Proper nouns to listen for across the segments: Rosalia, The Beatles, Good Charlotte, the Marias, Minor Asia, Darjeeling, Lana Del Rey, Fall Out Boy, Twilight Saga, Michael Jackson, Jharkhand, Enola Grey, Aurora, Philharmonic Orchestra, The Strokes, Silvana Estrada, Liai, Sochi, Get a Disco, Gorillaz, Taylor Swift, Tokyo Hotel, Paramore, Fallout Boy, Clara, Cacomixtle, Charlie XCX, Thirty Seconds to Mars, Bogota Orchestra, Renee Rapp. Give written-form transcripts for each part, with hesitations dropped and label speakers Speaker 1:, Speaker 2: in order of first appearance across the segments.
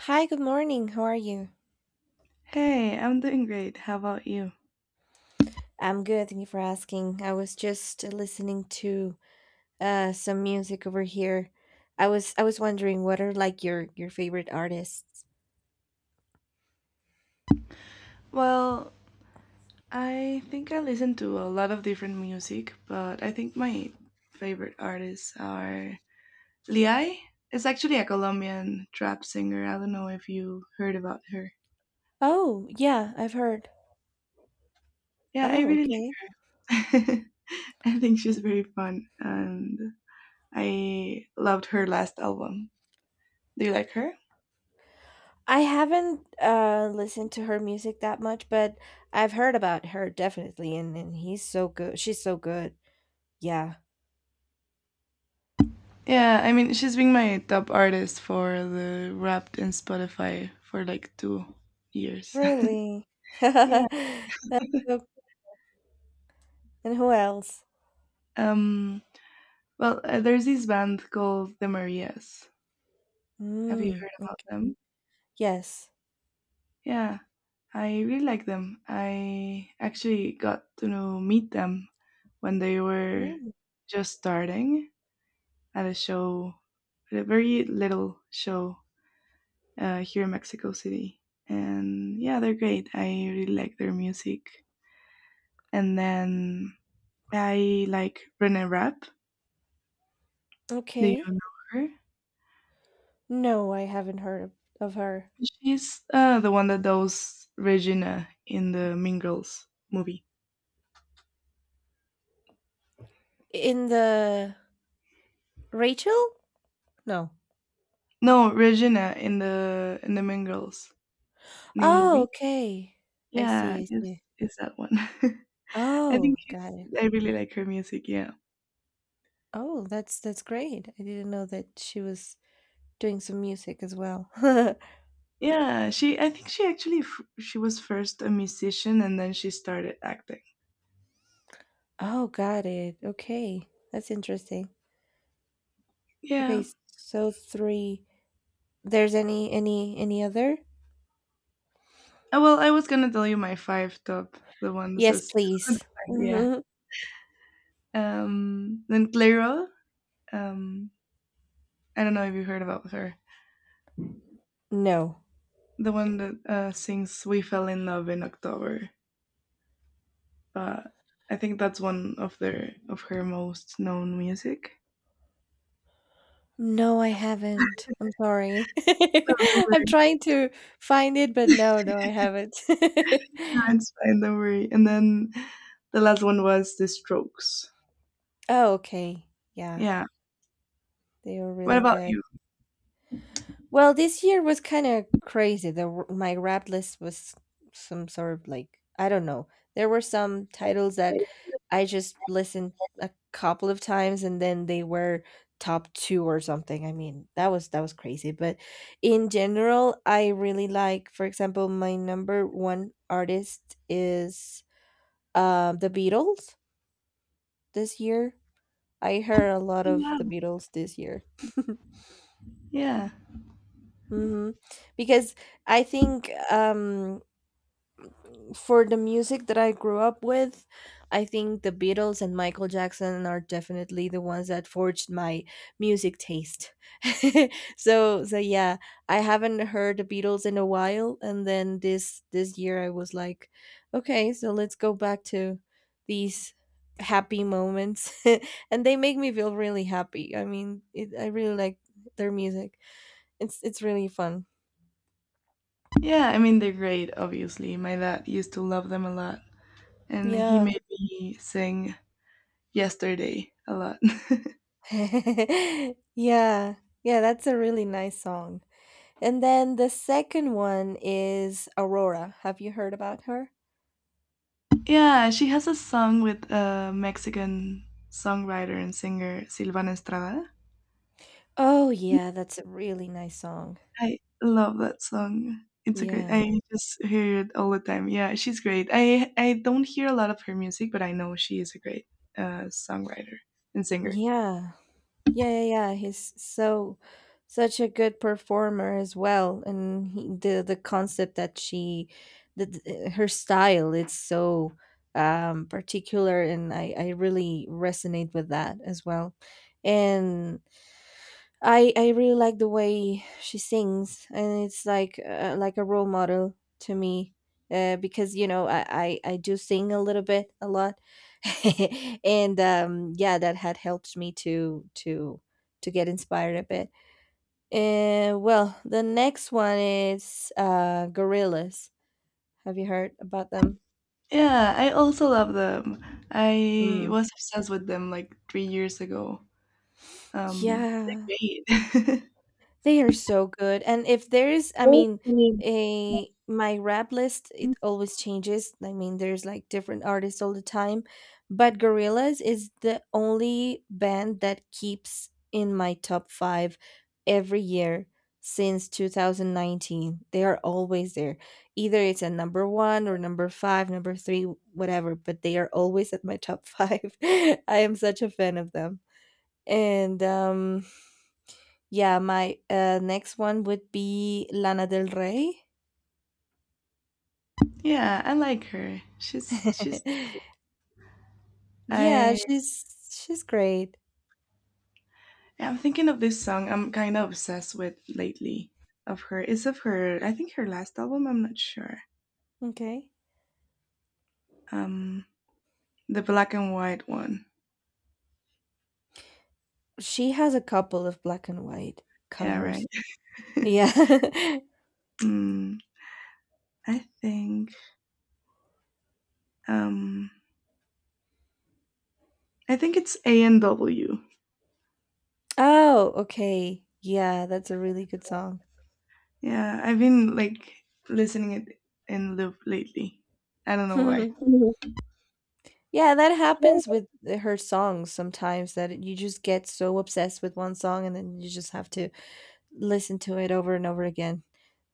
Speaker 1: Hi, good morning. How are you?
Speaker 2: Hey, I'm doing great. How about you?
Speaker 1: I'm good. Thank you for asking. I was just listening to some music over here. I was wondering what are like your favorite artists?
Speaker 2: Well, I think I listen to a lot of different music, but I think my favorite artists are Liai. It's actually a Colombian trap singer. I don't know if you heard about her.
Speaker 1: Oh, yeah, I've heard.
Speaker 2: Yeah, I
Speaker 1: Oh,
Speaker 2: really
Speaker 1: okay.
Speaker 2: like. I think she's very fun, and I loved her last album. Do you like her?
Speaker 1: I haven't listened to her music that much, but I've heard about her definitely and he's so good. She's so good. Yeah.
Speaker 2: Yeah, I mean, she's been my top artist for the Wrapped and Spotify for like 2 years.
Speaker 1: Really?
Speaker 2: Yeah.
Speaker 1: That's so, and who else?
Speaker 2: Um, there's this band called the Marias. Have you
Speaker 1: Mm.
Speaker 2: heard about them?
Speaker 1: Yes.
Speaker 2: Yeah, I really like them. I actually got to know, meet them when they were
Speaker 1: Ooh,
Speaker 2: just starting at a show, at a very little show here in Mexico City. And yeah, they're great. I really like their music. And then I like Renee Rapp. Do you
Speaker 1: okay.
Speaker 2: know her?
Speaker 1: No, I haven't heard of her.
Speaker 2: She's the one that does Regina in the Mean Girls movie.
Speaker 1: In the Rachel? No.
Speaker 2: No, Regina in the Mean Girls new
Speaker 1: Oh,
Speaker 2: movie.
Speaker 1: okay. I
Speaker 2: Yeah,
Speaker 1: see, I
Speaker 2: it's
Speaker 1: see.
Speaker 2: it's that one. I think
Speaker 1: Oh, got
Speaker 2: she's.
Speaker 1: it.
Speaker 2: I really like her music. Yeah,
Speaker 1: Oh, that's great. I didn't know that she was doing some music as well.
Speaker 2: yeah. She. I think she actually she was first a musician and then she started acting.
Speaker 1: Oh, got it. Okay. That's interesting. Okay,
Speaker 2: Yeah.
Speaker 1: so 3. There's any other?
Speaker 2: I was gonna tell you my five top the ones
Speaker 1: Yes,
Speaker 2: that's
Speaker 1: please.
Speaker 2: yeah.
Speaker 1: Mhm.
Speaker 2: Then Clara. Um. I don't know if you heard about her.
Speaker 1: No.
Speaker 2: The one that sings "We Fell in Love in October." Uh, I think that's one of their of her most known music.
Speaker 1: No, I haven't. I'm sorry.
Speaker 2: No, don't
Speaker 1: I'm
Speaker 2: worry.
Speaker 1: trying to find it, but no, I haven't.
Speaker 2: No, it's fine. Don't worry. And then the last one was The Strokes.
Speaker 1: Oh, okay. Yeah,
Speaker 2: Yeah.
Speaker 1: they were
Speaker 2: What
Speaker 1: really
Speaker 2: about
Speaker 1: good.
Speaker 2: you?
Speaker 1: Well, this year was kind of crazy. The my rap list was some sort of like I don't know. There were some titles that I just listened a couple of times and then they were top 2 or something. I mean, that was crazy, but in general, I really like, for example, my number 1 artist is The Beatles this year. I heard a lot
Speaker 2: Oh,
Speaker 1: of The
Speaker 2: wow.
Speaker 1: Beatles this year.
Speaker 2: Yeah.
Speaker 1: Mhm. Because I think for the music that I grew up with, I think the Beatles and Michael Jackson are definitely the ones that forged my music taste. So yeah, I haven't heard the Beatles in a while and then this year I was like, okay, so let's go back to these happy moments and they make me feel really happy. I mean, I really like their music. It's really fun.
Speaker 2: Yeah. I mean, they're great. Obviously, my dad used to love them a lot, and he
Speaker 1: Yeah,
Speaker 2: made me sing "Yesterday" a lot.
Speaker 1: yeah, that's a really nice song. And then the second one is Aurora. Have you heard about her?
Speaker 2: yeah, she has a song with a Mexican songwriter and singer Silvana Estrada.
Speaker 1: Oh, yeah, that's a really nice song.
Speaker 2: I love that song. It's a great.
Speaker 1: Yeah,
Speaker 2: I just hear it all the time. Yeah, she's great. I don't hear a lot of her music, but I know she is a great songwriter and singer.
Speaker 1: yeah, yeah. He's so such a good performer as well, and the concept that her style, it's so particular, and I really resonate with that as well. And I really like the way she sings, and it's like a role model to me. Because you know I do sing a little bit a lot, and yeah, that had helped me to to get inspired a bit. And well, the next one is Gorillas. Have you heard about them?
Speaker 2: Yeah, I also love them. I
Speaker 1: Mm.
Speaker 2: was obsessed with them like 3 years ago. They're
Speaker 1: Yeah,
Speaker 2: great.
Speaker 1: they are so good, and if there is I mean,
Speaker 2: Okay.
Speaker 1: a my rap list, it always changes. I mean, there's, like, different artists all the time, but Gorillaz is the only band that keeps in my top 5 every year since 2019. They are always there. Either it's at number 1 or number 5, number 3, whatever, but they are always at my top 5. I am such a fan of them, and, um yeah, my next one would be Lana Del Rey.
Speaker 2: Yeah, I like her. She's she's.
Speaker 1: yeah,
Speaker 2: I
Speaker 1: she's great.
Speaker 2: I'm thinking of this song. I'm kind of obsessed with lately. Of her, it's of her. I think her last album. I'm not sure.
Speaker 1: Okay.
Speaker 2: Um, the black and white one.
Speaker 1: She has a couple of black and white
Speaker 2: Yeah,
Speaker 1: covers.
Speaker 2: right.
Speaker 1: Yeah.
Speaker 2: mm, I think um I think it's A and W.
Speaker 1: Oh, okay. Yeah, that's a really good song.
Speaker 2: Yeah, I've been like listening it in loop lately. I don't know why.
Speaker 1: Yeah, that happens with her songs sometimes that you just get so obsessed with one song and then you just have to listen to it over and over again.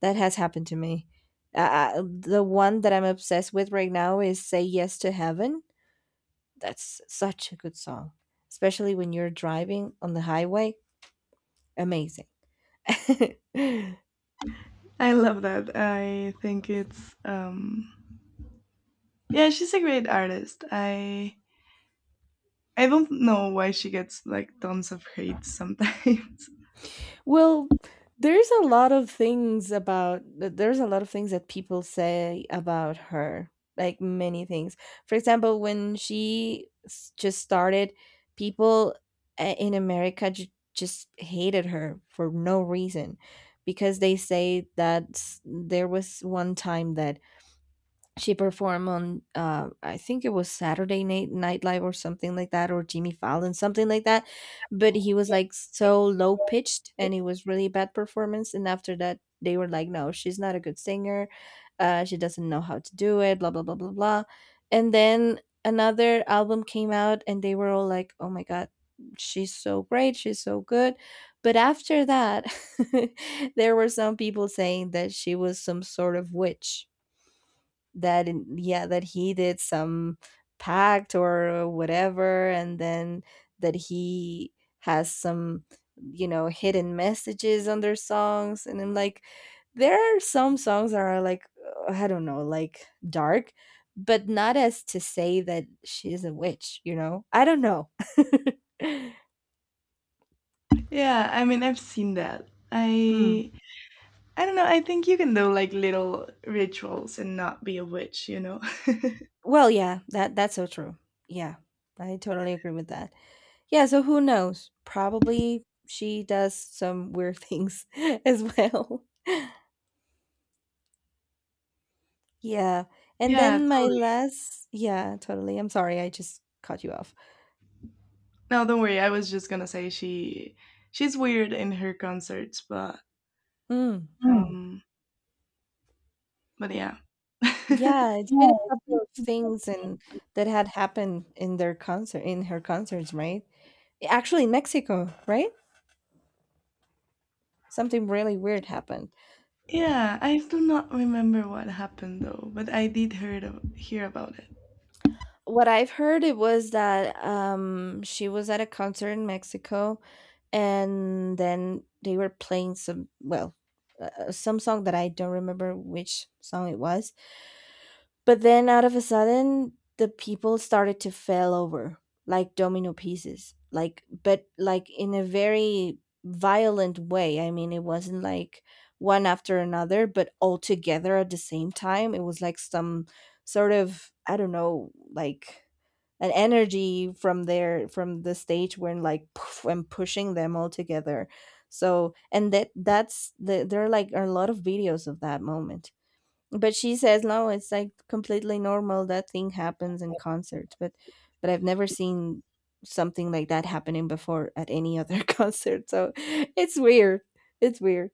Speaker 1: That has happened to me. The one that I'm obsessed with right now is Say Yes to Heaven. That's such a good song, especially when you're driving on the highway. Amazing.
Speaker 2: I love that. I think it's yeah, she's a great artist. I don't know why she gets like tons of hate sometimes.
Speaker 1: Well, there's a lot of things about there's a lot of things that people say about her, like many things. For example, when just started, people in America just hated her for no reason because they say that there was one time that she performed on I think it was Saturday Night Live or something like that, or Jimmy Fallon, something like that, but he was like so low pitched and it was really bad performance. And after that they were like, no, she's not a good singer. She doesn't know how to do it, blah blah blah blah blah. And then another album came out and they were all like, oh my god, she's so great, she's so good. But after that there were some people saying that she was some sort of witch. Yeah, that he did some pact or whatever, and then that he has some, you know, hidden messages on their songs. And I'm like, there are some songs that are like, I don't know, like dark, but not as to say that she is a witch, you know. I don't know.
Speaker 2: Yeah, I mean I've seen that.
Speaker 1: Hmm.
Speaker 2: I don't know. I think you can do like little rituals and not be a witch, you know?
Speaker 1: Well, yeah, that's so true. Yeah, I totally agree with that. Yeah, so who knows? Probably she does some weird things as well. Yeah. And
Speaker 2: Yeah,
Speaker 1: then my
Speaker 2: totally.
Speaker 1: last, yeah, totally. I'm sorry, I just cut you off.
Speaker 2: No, don't worry. I was just gonna say she's weird in her concerts, but
Speaker 1: Mm.
Speaker 2: Mm. um, but yeah.
Speaker 1: Yeah, it's been a
Speaker 2: Yeah.
Speaker 1: couple of things and that had happened in their concert in her concerts, right? Actually in Mexico, right? Something really weird happened.
Speaker 2: Yeah, I do not remember what happened though, but I did hear about it.
Speaker 1: What I've heard it was that she was at a concert in Mexico, and then they were playing some song that I don't remember which song it was, but then out of a sudden, the people started to fall over like domino pieces, like, but like in a very violent way. I mean, it wasn't like one after another, but all together at the same time. It was like some sort of, I don't know, like an energy from there, from the stage when like poof, and pushing them all together. So, and that, that's the, There are like a lot of videos of that moment, but she says no, it's like completely normal, that thing happens in concerts. But I've never seen something like that happening before at any other concert. It's weird. It's weird.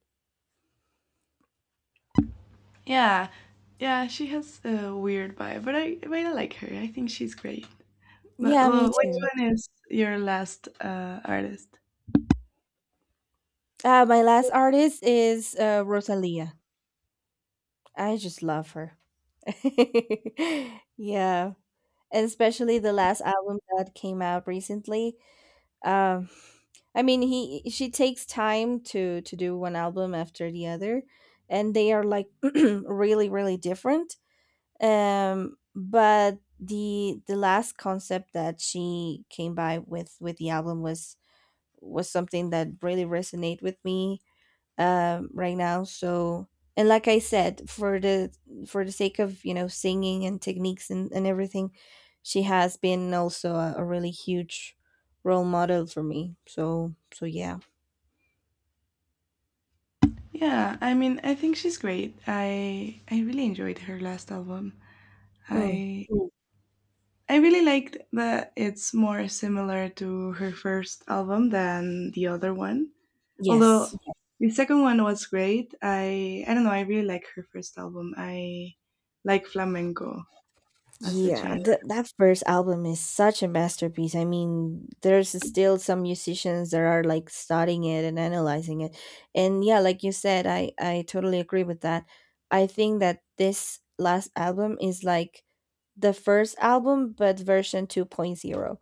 Speaker 2: Yeah, yeah, she has a weird vibe, but I like her. I think she's great. But
Speaker 1: Yeah, me
Speaker 2: well, which
Speaker 1: too.
Speaker 2: one is your last artist?
Speaker 1: My last artist is Rosalia. I just love her. Yeah. And especially the last album that came out recently. Um, I mean, he she takes time to do one album after the other, and they are like really different. But the last concept that she came by with the album was something that really resonate with me right now. So, and like I said, for the, for the sake of, you know, singing and techniques, and everything, she has been also a really huge role model for me. So, so yeah.
Speaker 2: Yeah, I mean, I think she's great. I really enjoyed her last album.
Speaker 1: Mm,
Speaker 2: I Mm. I really liked that it's more similar to her first album than the other one. Although
Speaker 1: yes.
Speaker 2: Yes. The second one was great. I don't know, I really like her first album. I like flamenco as a
Speaker 1: Yeah,
Speaker 2: genre.
Speaker 1: that first album is such a masterpiece. I mean, there's still some musicians that are like studying it and analyzing it. And yeah, like you said, I totally agree with that. I think that this last album is like the first album but version 2.0,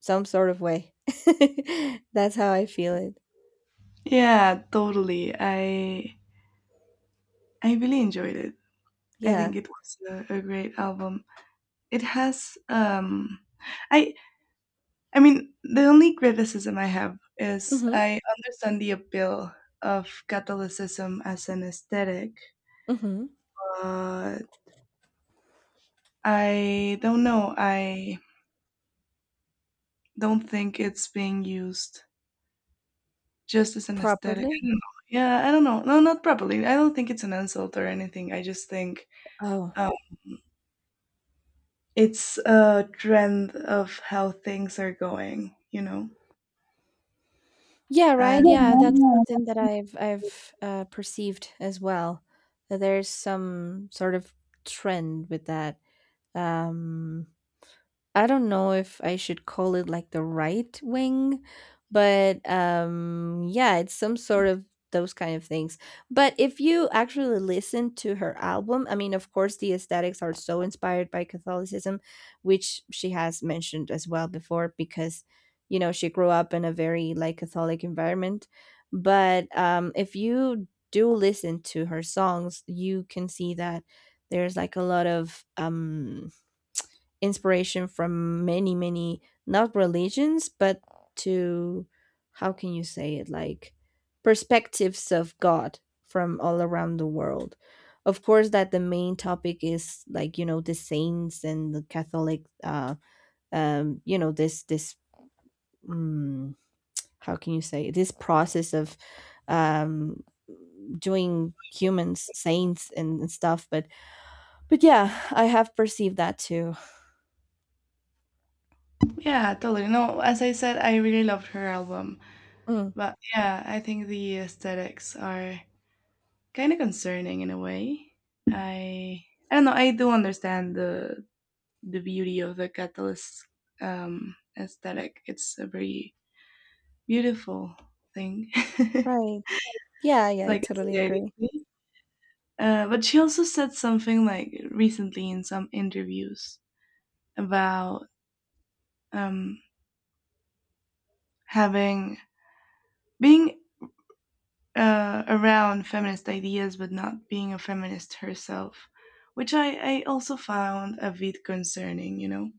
Speaker 1: some sort of way. That's how I feel it.
Speaker 2: Yeah, totally. I really enjoyed it. I think
Speaker 1: Yeah.
Speaker 2: it was a great album. It has I I mean, the only criticism I have is
Speaker 1: Mhm.
Speaker 2: I understand the appeal of Catholicism as an aesthetic,
Speaker 1: Mhm.
Speaker 2: but I don't know. I don't think it's being used just as an aesthetic. I
Speaker 1: Properly?
Speaker 2: don't know. Yeah, I don't know. No, not properly. I don't think it's an insult or anything. I just think um, it's a trend of how things are going, you know?
Speaker 1: Yeah,
Speaker 2: And
Speaker 1: right? Yeah, that's
Speaker 2: Yeah,
Speaker 1: something that I've perceived as well. That there's some sort of trend with that. Um, I don't know if I should call it like the right wing, but yeah, it's some sort of those kind of things. But if you actually listen to her album, I mean, of course, the aesthetics are so inspired by Catholicism, which she has mentioned as well before, because, you know, she grew up in a very like Catholic environment. But if you do listen to her songs, you can see that there's like a lot of inspiration from many, not religions, but to, how can you say it, like perspectives of god from all around the world. Of course, that the main topic is like, you know, the saints and the Catholic, you know, this, um, how can you say, this process of um doing humans saints, and stuff. But yeah, I have perceived that too.
Speaker 2: yeah. Yeah, totally. No, as I said, I really loved her album.
Speaker 1: Mm.
Speaker 2: But yeah, I think the aesthetics are kind of concerning in a way. I I don't know. I do understand the beauty of the catalyst aesthetic. It's a very beautiful thing,
Speaker 1: Right. Yeah, yeah, I
Speaker 2: like
Speaker 1: totally agree.
Speaker 2: aesthetically. But she also said something like recently in some interviews about um, having being around feminist ideas but not being a feminist herself, which I also found a bit concerning, you know?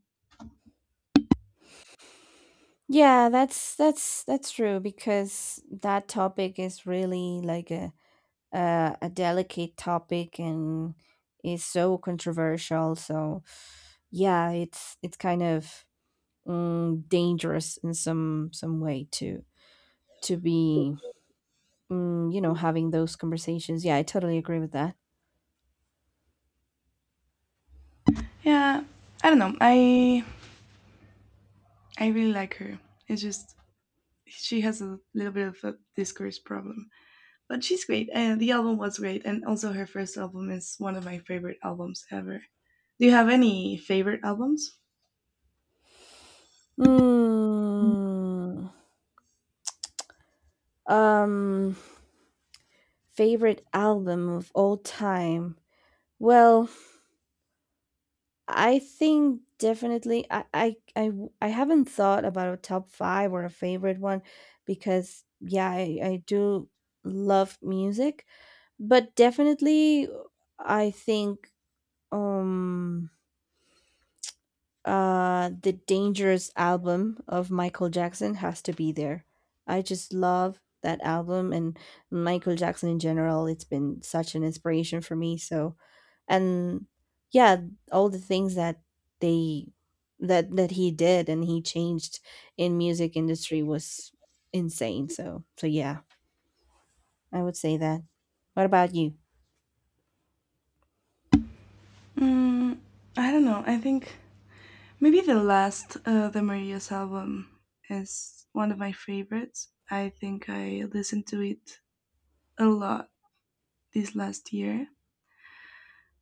Speaker 1: Yeah, that's that's true, because that topic is really like a delicate topic and is so controversial. So yeah, it's kind of, mm, dangerous in some way to be, mm, you know, having those conversations. Yeah, I totally agree with that.
Speaker 2: Yeah, I don't know. I really like her. It's just she has a little bit of a discourse problem, but she's great. And the album was great, and also her first album is one of my favorite albums ever. Do you have any favorite albums?
Speaker 1: Mm, um, favorite album of all time. Well, I think definitely I haven't thought about a top 5 or a favorite one because, yeah, I do love music, but definitely I think um the Dangerous album of Michael Jackson has to be there. I just love that album and Michael Jackson in general. It's been such an inspiration for me, so and yeah all the things that they that he did and he changed in music industry was insane so yeah I would say that. What about you?
Speaker 2: Mm, I don't know. I think maybe the last the Maria's album is one of my favorites. I think I listened to it a lot this last year.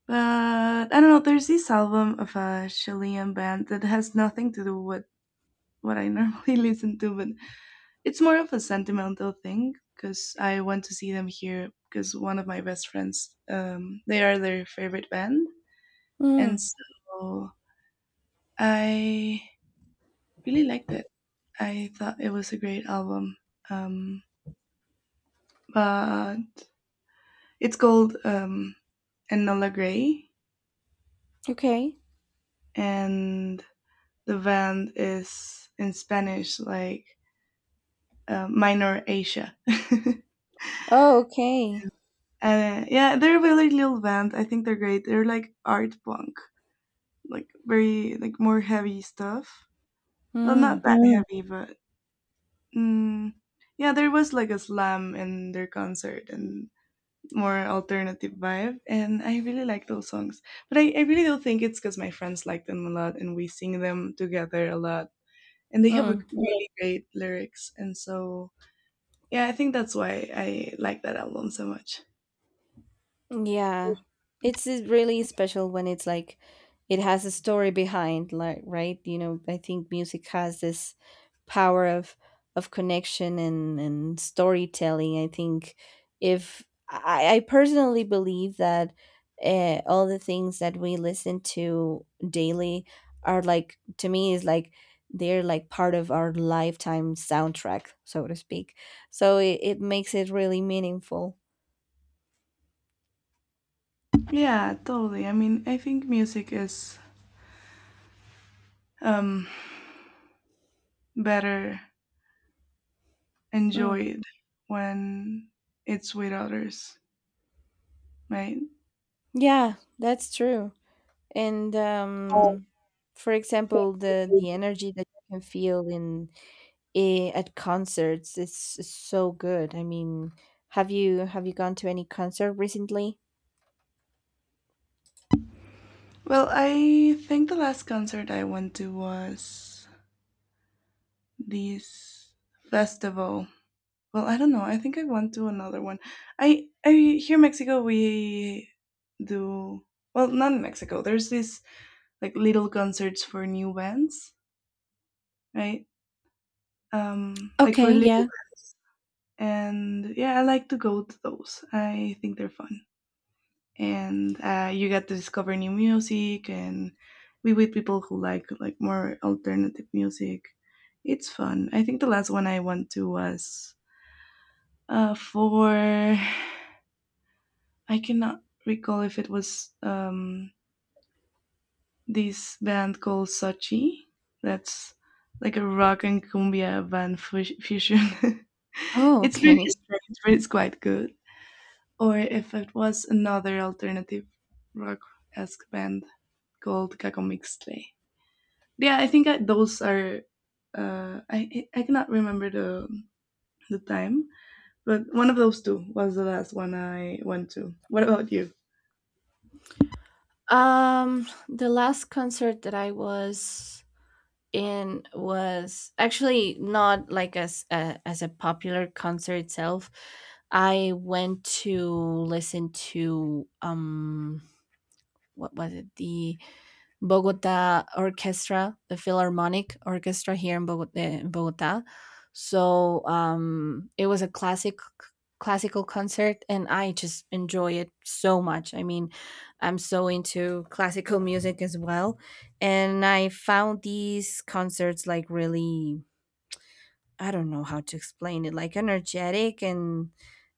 Speaker 2: But I don't know. There's this album of a Chilean band that has nothing to do with what I normally listen to, but it's more of a sentimental thing because I went to see them here because one of my best friends, they are their favorite band,
Speaker 1: Mm.
Speaker 2: and so I really liked it. I thought it was a great album. Um, but it's called Enola Grey,
Speaker 1: Okay.
Speaker 2: and the band is in Spanish, like Minor Asia. And
Speaker 1: Oh, okay.
Speaker 2: yeah, they're a really little band. I think they're great. They're like art punk, like very like more heavy stuff. Well,
Speaker 1: Mm.
Speaker 2: not that heavy, but mm, yeah, there was like a slam in their concert, and more alternative vibe, and I really like those songs, but I really do think it's because my friends like them a lot and we sing them together a lot and they have a
Speaker 1: Mm.
Speaker 2: really great lyrics, and so yeah, I think that's why I like that album so much.
Speaker 1: Yeah. It's really special when it's like it has a story behind, like, right? You know, I think music has this power of connection and storytelling. I think if I, I personally believe that all the things that we listen to daily are like, to me is like, they're like part of our lifetime soundtrack, so to speak. So it makes it really meaningful.
Speaker 2: Yeah, totally. I mean, I think music is um better
Speaker 1: Mm.
Speaker 2: enjoyed when it's with others, right?
Speaker 1: Yeah, that's true. And for example, the energy that you can feel in, I at concerts is so good. I mean, have you gone to any concert recently?
Speaker 2: Well, I think the last concert I went to was this festival. Well, I don't know. I think I want to another one. I here in Mexico we do. Well, not in Mexico. There's this like little concerts for new bands, right? Like for
Speaker 1: Okay,
Speaker 2: little
Speaker 1: yeah.
Speaker 2: bands, and yeah, I like to go to those. I think they're fun, and you get to discover new music, and be with people who like more alternative music. It's fun. I think the last one I went to was for I cannot recall if it was this band called Sochi. That's like a rock and cumbia band fusion.
Speaker 1: Oh,
Speaker 2: It's very
Speaker 1: okay.
Speaker 2: strange, but it's quite good. Or if it was another alternative rock esque band called Cacomixtle. Yeah, I think those are. I cannot remember the time, but one of those two was the last one I went to. What about you?
Speaker 1: The last concert that I was in was actually not like as a popular concert itself. I went to listen to what was it, the Bogota Orchestra, the Philharmonic Orchestra here in Bogota. In Bogota. So it was a classical concert, and I just enjoy it so much. I mean, I'm so into classical music as well, and I found these concerts like really, I don't know how to explain it, like energetic and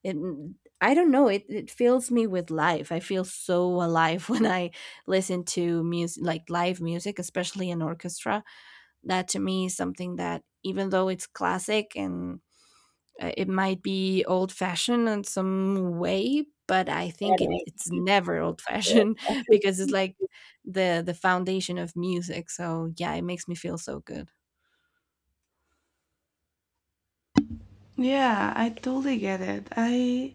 Speaker 1: it mm, I don't know, it fills me with life. I feel so alive when I listen to music like live music, especially an orchestra. That to me is something that even though it's classic and it might be old fashioned in some way, but I think it's never old fashioned because it's like the foundation of music. So yeah, it makes me feel so good.
Speaker 2: Yeah, I totally get it. I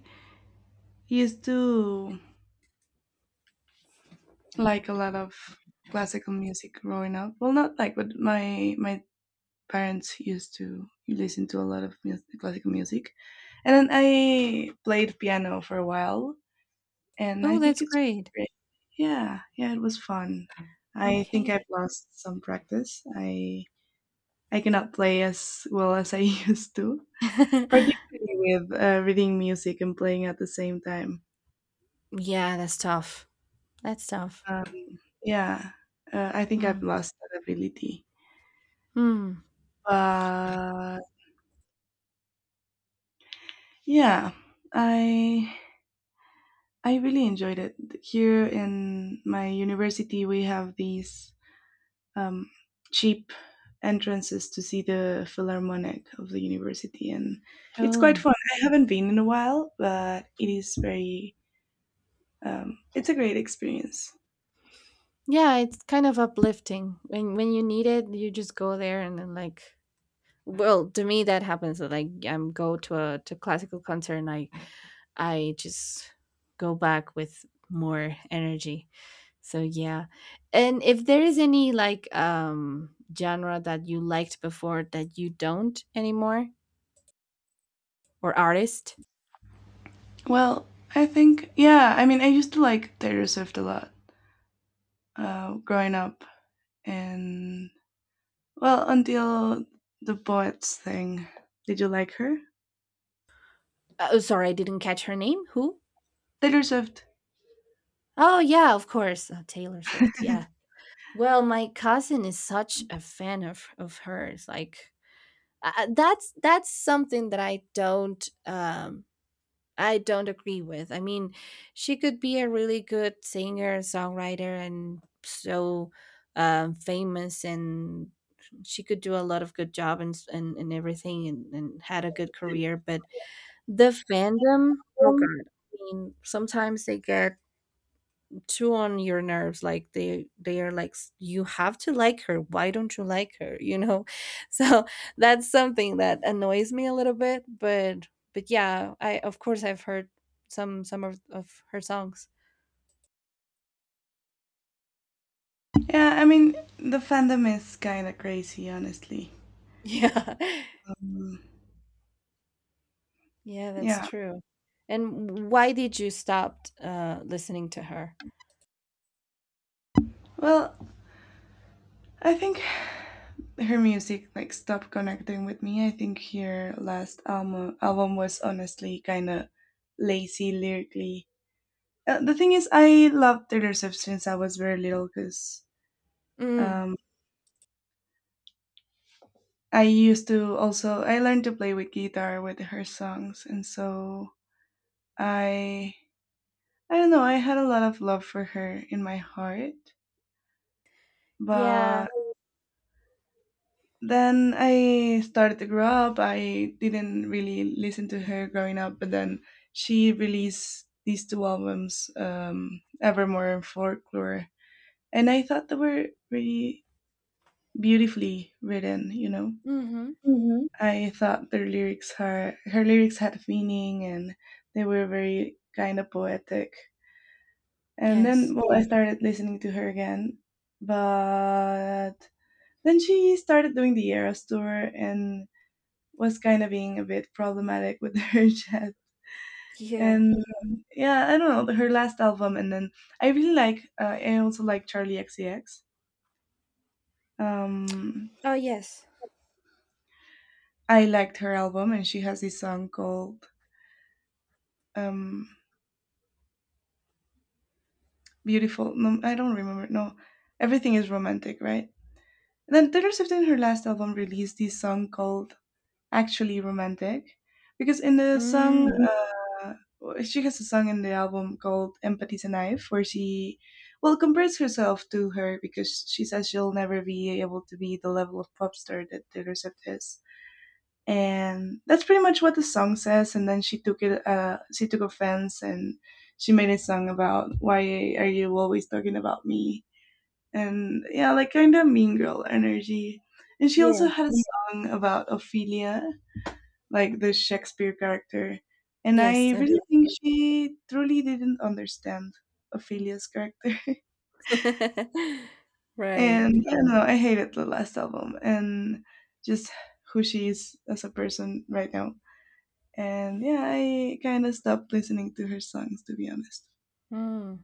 Speaker 2: used to like a lot of classical music growing up. Well, not like, but my parents used to listen to a lot of music, classical music, and then I played piano for a while, and I
Speaker 1: Oh,
Speaker 2: think
Speaker 1: that's
Speaker 2: it's pretty
Speaker 1: great.
Speaker 2: great. Yeah, yeah, it was fun. I think I've
Speaker 1: Okay.
Speaker 2: lost some practice. I cannot play as well as I used to, particularly with reading music and playing at the same time.
Speaker 1: Yeah, that's tough. That's tough.
Speaker 2: Uh, Yeah, I think
Speaker 1: Hmm.
Speaker 2: I've lost that ability.
Speaker 1: Hmm.
Speaker 2: But yeah, I I really enjoyed it. Here in my university, we have these um, cheap entrances to see the Philharmonic of the university, and it's quite
Speaker 1: Oh.
Speaker 2: fun. I haven't been in a while, but it is very it's a great experience.
Speaker 1: Yeah, it's kind of uplifting. When you need it, you just go there and then like, well, to me that happens that like I'm go to a to classical concert and I just go back with more energy. So yeah. And if there is any like genre that you liked before that you don't anymore, or artist.
Speaker 2: Well, I think yeah. I mean, I used to like Taylor Swift a lot growing up, and well, until the bots thing. Did you like her?
Speaker 1: Oh, sorry, I didn't catch her name. Who?
Speaker 2: Taylor Swift.
Speaker 1: Oh, yeah, of course. Taylor Swift. Yeah. Well, my cousin is such a fan of hers. Like that's something that I don't agree with. I mean, she could be a really good singer, songwriter and so famous, and she could do a lot of good job and and everything and had a good career, but the fandom, oh god. I mean, sometimes they get too on your nerves, like they are like, You have to like her, why don't you like her, you know?" So that's something that annoys me a little bit, but yeah, I of course I've heard some of her songs.
Speaker 2: Yeah, I mean, the fandom is kind of crazy, honestly.
Speaker 1: Yeah.
Speaker 2: Um,
Speaker 1: Yeah, that's
Speaker 2: yeah.
Speaker 1: true. And why did you stop listening to her?
Speaker 2: Well, I think her music like stopped connecting with me. I think her last album album was honestly kind of lazy lyrically. The thing is, I loved Taylor Swift since I was very little because
Speaker 1: Mm.
Speaker 2: um, I used to also I learned to play with guitar with her songs, and so I I don't know, I had a lot of love for her in my heart, but
Speaker 1: Yeah.
Speaker 2: then I started to grow up. I didn't really listen to her growing up, but then she released these two albums, Evermore and Folklore, and I thought they were really beautifully written. You know,
Speaker 1: Mm-hmm.
Speaker 2: Mm-hmm. I thought their lyrics are her lyrics had meaning, and they were very kind of poetic. And then,
Speaker 1: Yes.
Speaker 2: well, I started listening to her again, but then she started doing the Eras tour and was kind of being a bit problematic with her chat.
Speaker 1: Yeah.
Speaker 2: And yeah, I don't know her last album. And then I really like. I also like Charlie XCX. Um,
Speaker 1: Oh, yes.
Speaker 2: I liked her album, and she has this song called um, "Beautiful." No, I don't remember. No, everything is romantic, right? And then Taylor Swift in her last album released this song called actually romantic because in the song
Speaker 1: Mm.
Speaker 2: uh, she has a song in the album called empathy's a knife where she well compares herself to her because she says she'll never be able to be the level of pop star that Taylor Swift is, and that's pretty much what the song says. And then she took it she took offense, and she made a song about why are you always talking about me. And yeah, like, kind of mean girl energy. And she also
Speaker 1: Yes.
Speaker 2: had a song about Ophelia, like the Shakespeare character. And I
Speaker 1: Yes, I've-
Speaker 2: really think she truly didn't understand Ophelia's character.
Speaker 1: Right.
Speaker 2: And I don't know, I hated the last album and just who she is as a person right now. And yeah, I kind of stopped listening to her songs to be honest.
Speaker 1: Mm.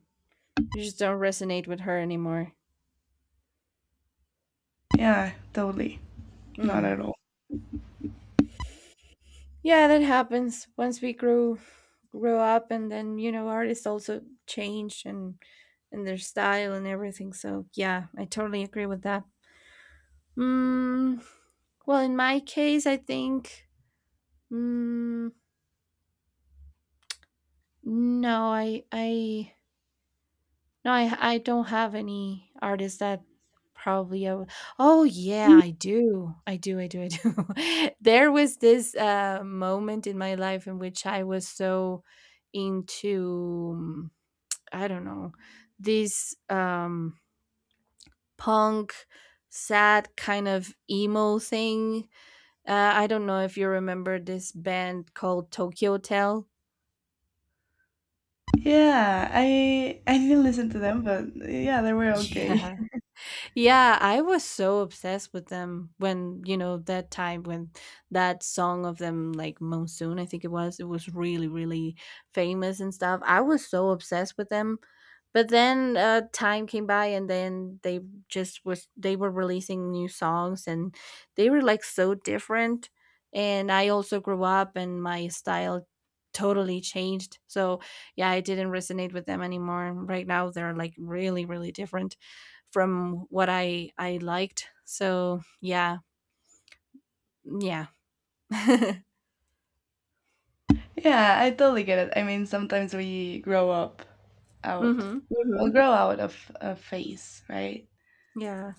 Speaker 1: You just don't resonate with her anymore.
Speaker 2: Yeah, totally. Not at
Speaker 1: Hmm.
Speaker 2: all.
Speaker 1: Yeah, that happens. Once we grew up, and then you know, artists also change, and their style and everything. So yeah, I totally agree with that. Mm, well, in my case, I think, mm, no, I No, I don't have any artists that probably I would Oh, yeah, I do. I do, I do, I do. There was this moment in my life in which I was so into, mm, I don't know, this punk, sad kind of emo thing. I don't know if you remember this band called Tokyo Hotel.
Speaker 2: Yeah, I didn't listen to them, but yeah, they were okay.
Speaker 1: Yeah. Yeah, I was so obsessed with them when, you know, that time when that song of them, like Monsoon, I think it was really, really famous and stuff. I was so obsessed with them. But then time came by and then they they were releasing new songs and they were like so different. And I also grew up and my style totally changed. So yeah, I didn't resonate with them anymore. Right now they're like really, really different from what I liked. So yeah, yeah.
Speaker 2: Yeah, I totally get it. I mean, sometimes we grow up out
Speaker 1: Hmm.
Speaker 2: hmm will grow out of a face, right?
Speaker 1: Yeah,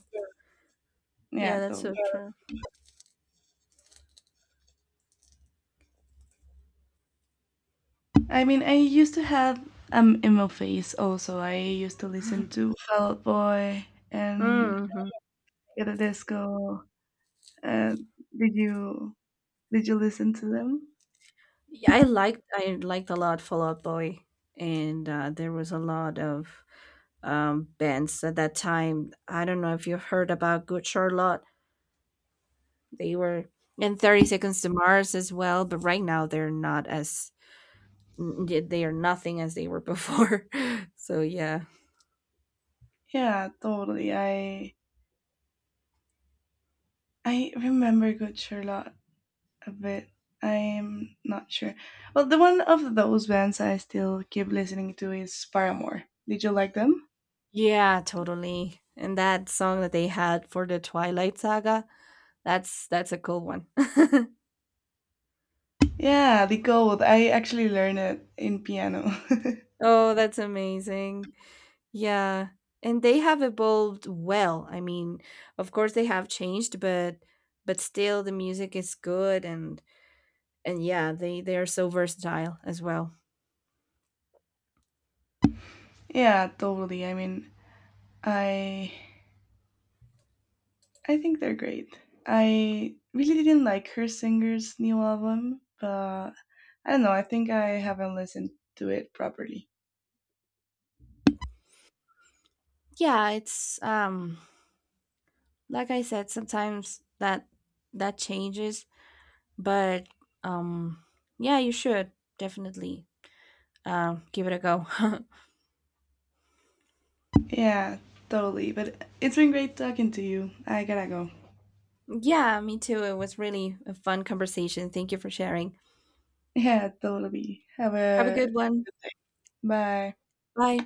Speaker 2: Yeah,
Speaker 1: yeah. That's
Speaker 2: the,
Speaker 1: so true.
Speaker 2: I mean, I used to have emo face also. I used to listen to Fall Out Boy and
Speaker 1: Hmm.
Speaker 2: Get a Disco. Uh, did you did you listen to them?
Speaker 1: Yeah, I liked a lot Fallout Boy, and there was a lot of bands at that time. I don't know if you heard about Good Charlotte. They were in 30 Seconds to Mars as well, but right now they're not as they are nothing as they were before. So yeah.
Speaker 2: Yeah, totally. I remember Good Charlotte a bit. I'm not sure. Well, the one of those bands I still keep listening to is Paramore. Did you like them?
Speaker 1: Yeah, totally. And that song that they had for the Twilight Saga, that's a cool one.
Speaker 2: Yeah, the chord. I actually learned it in piano.
Speaker 1: Oh, that's amazing. Yeah. And they have evolved well. I mean, of course they have changed, but still the music is good and yeah, they are so versatile as well.
Speaker 2: Yeah, totally. I mean, I I think they're great. I really didn't like her singer's new album, but I don't know. I think I haven't listened to it properly.
Speaker 1: Yeah, it's like I said, sometimes that that changes, but um yeah, you should definitely give it a go.
Speaker 2: Yeah, totally. But it's been great talking to you. I gotta go.
Speaker 1: Yeah, me too. It was really a fun conversation. Thank you for sharing.
Speaker 2: Yeah, totally. Have
Speaker 1: Have a
Speaker 2: a
Speaker 1: good one.
Speaker 2: bye.
Speaker 1: Bye.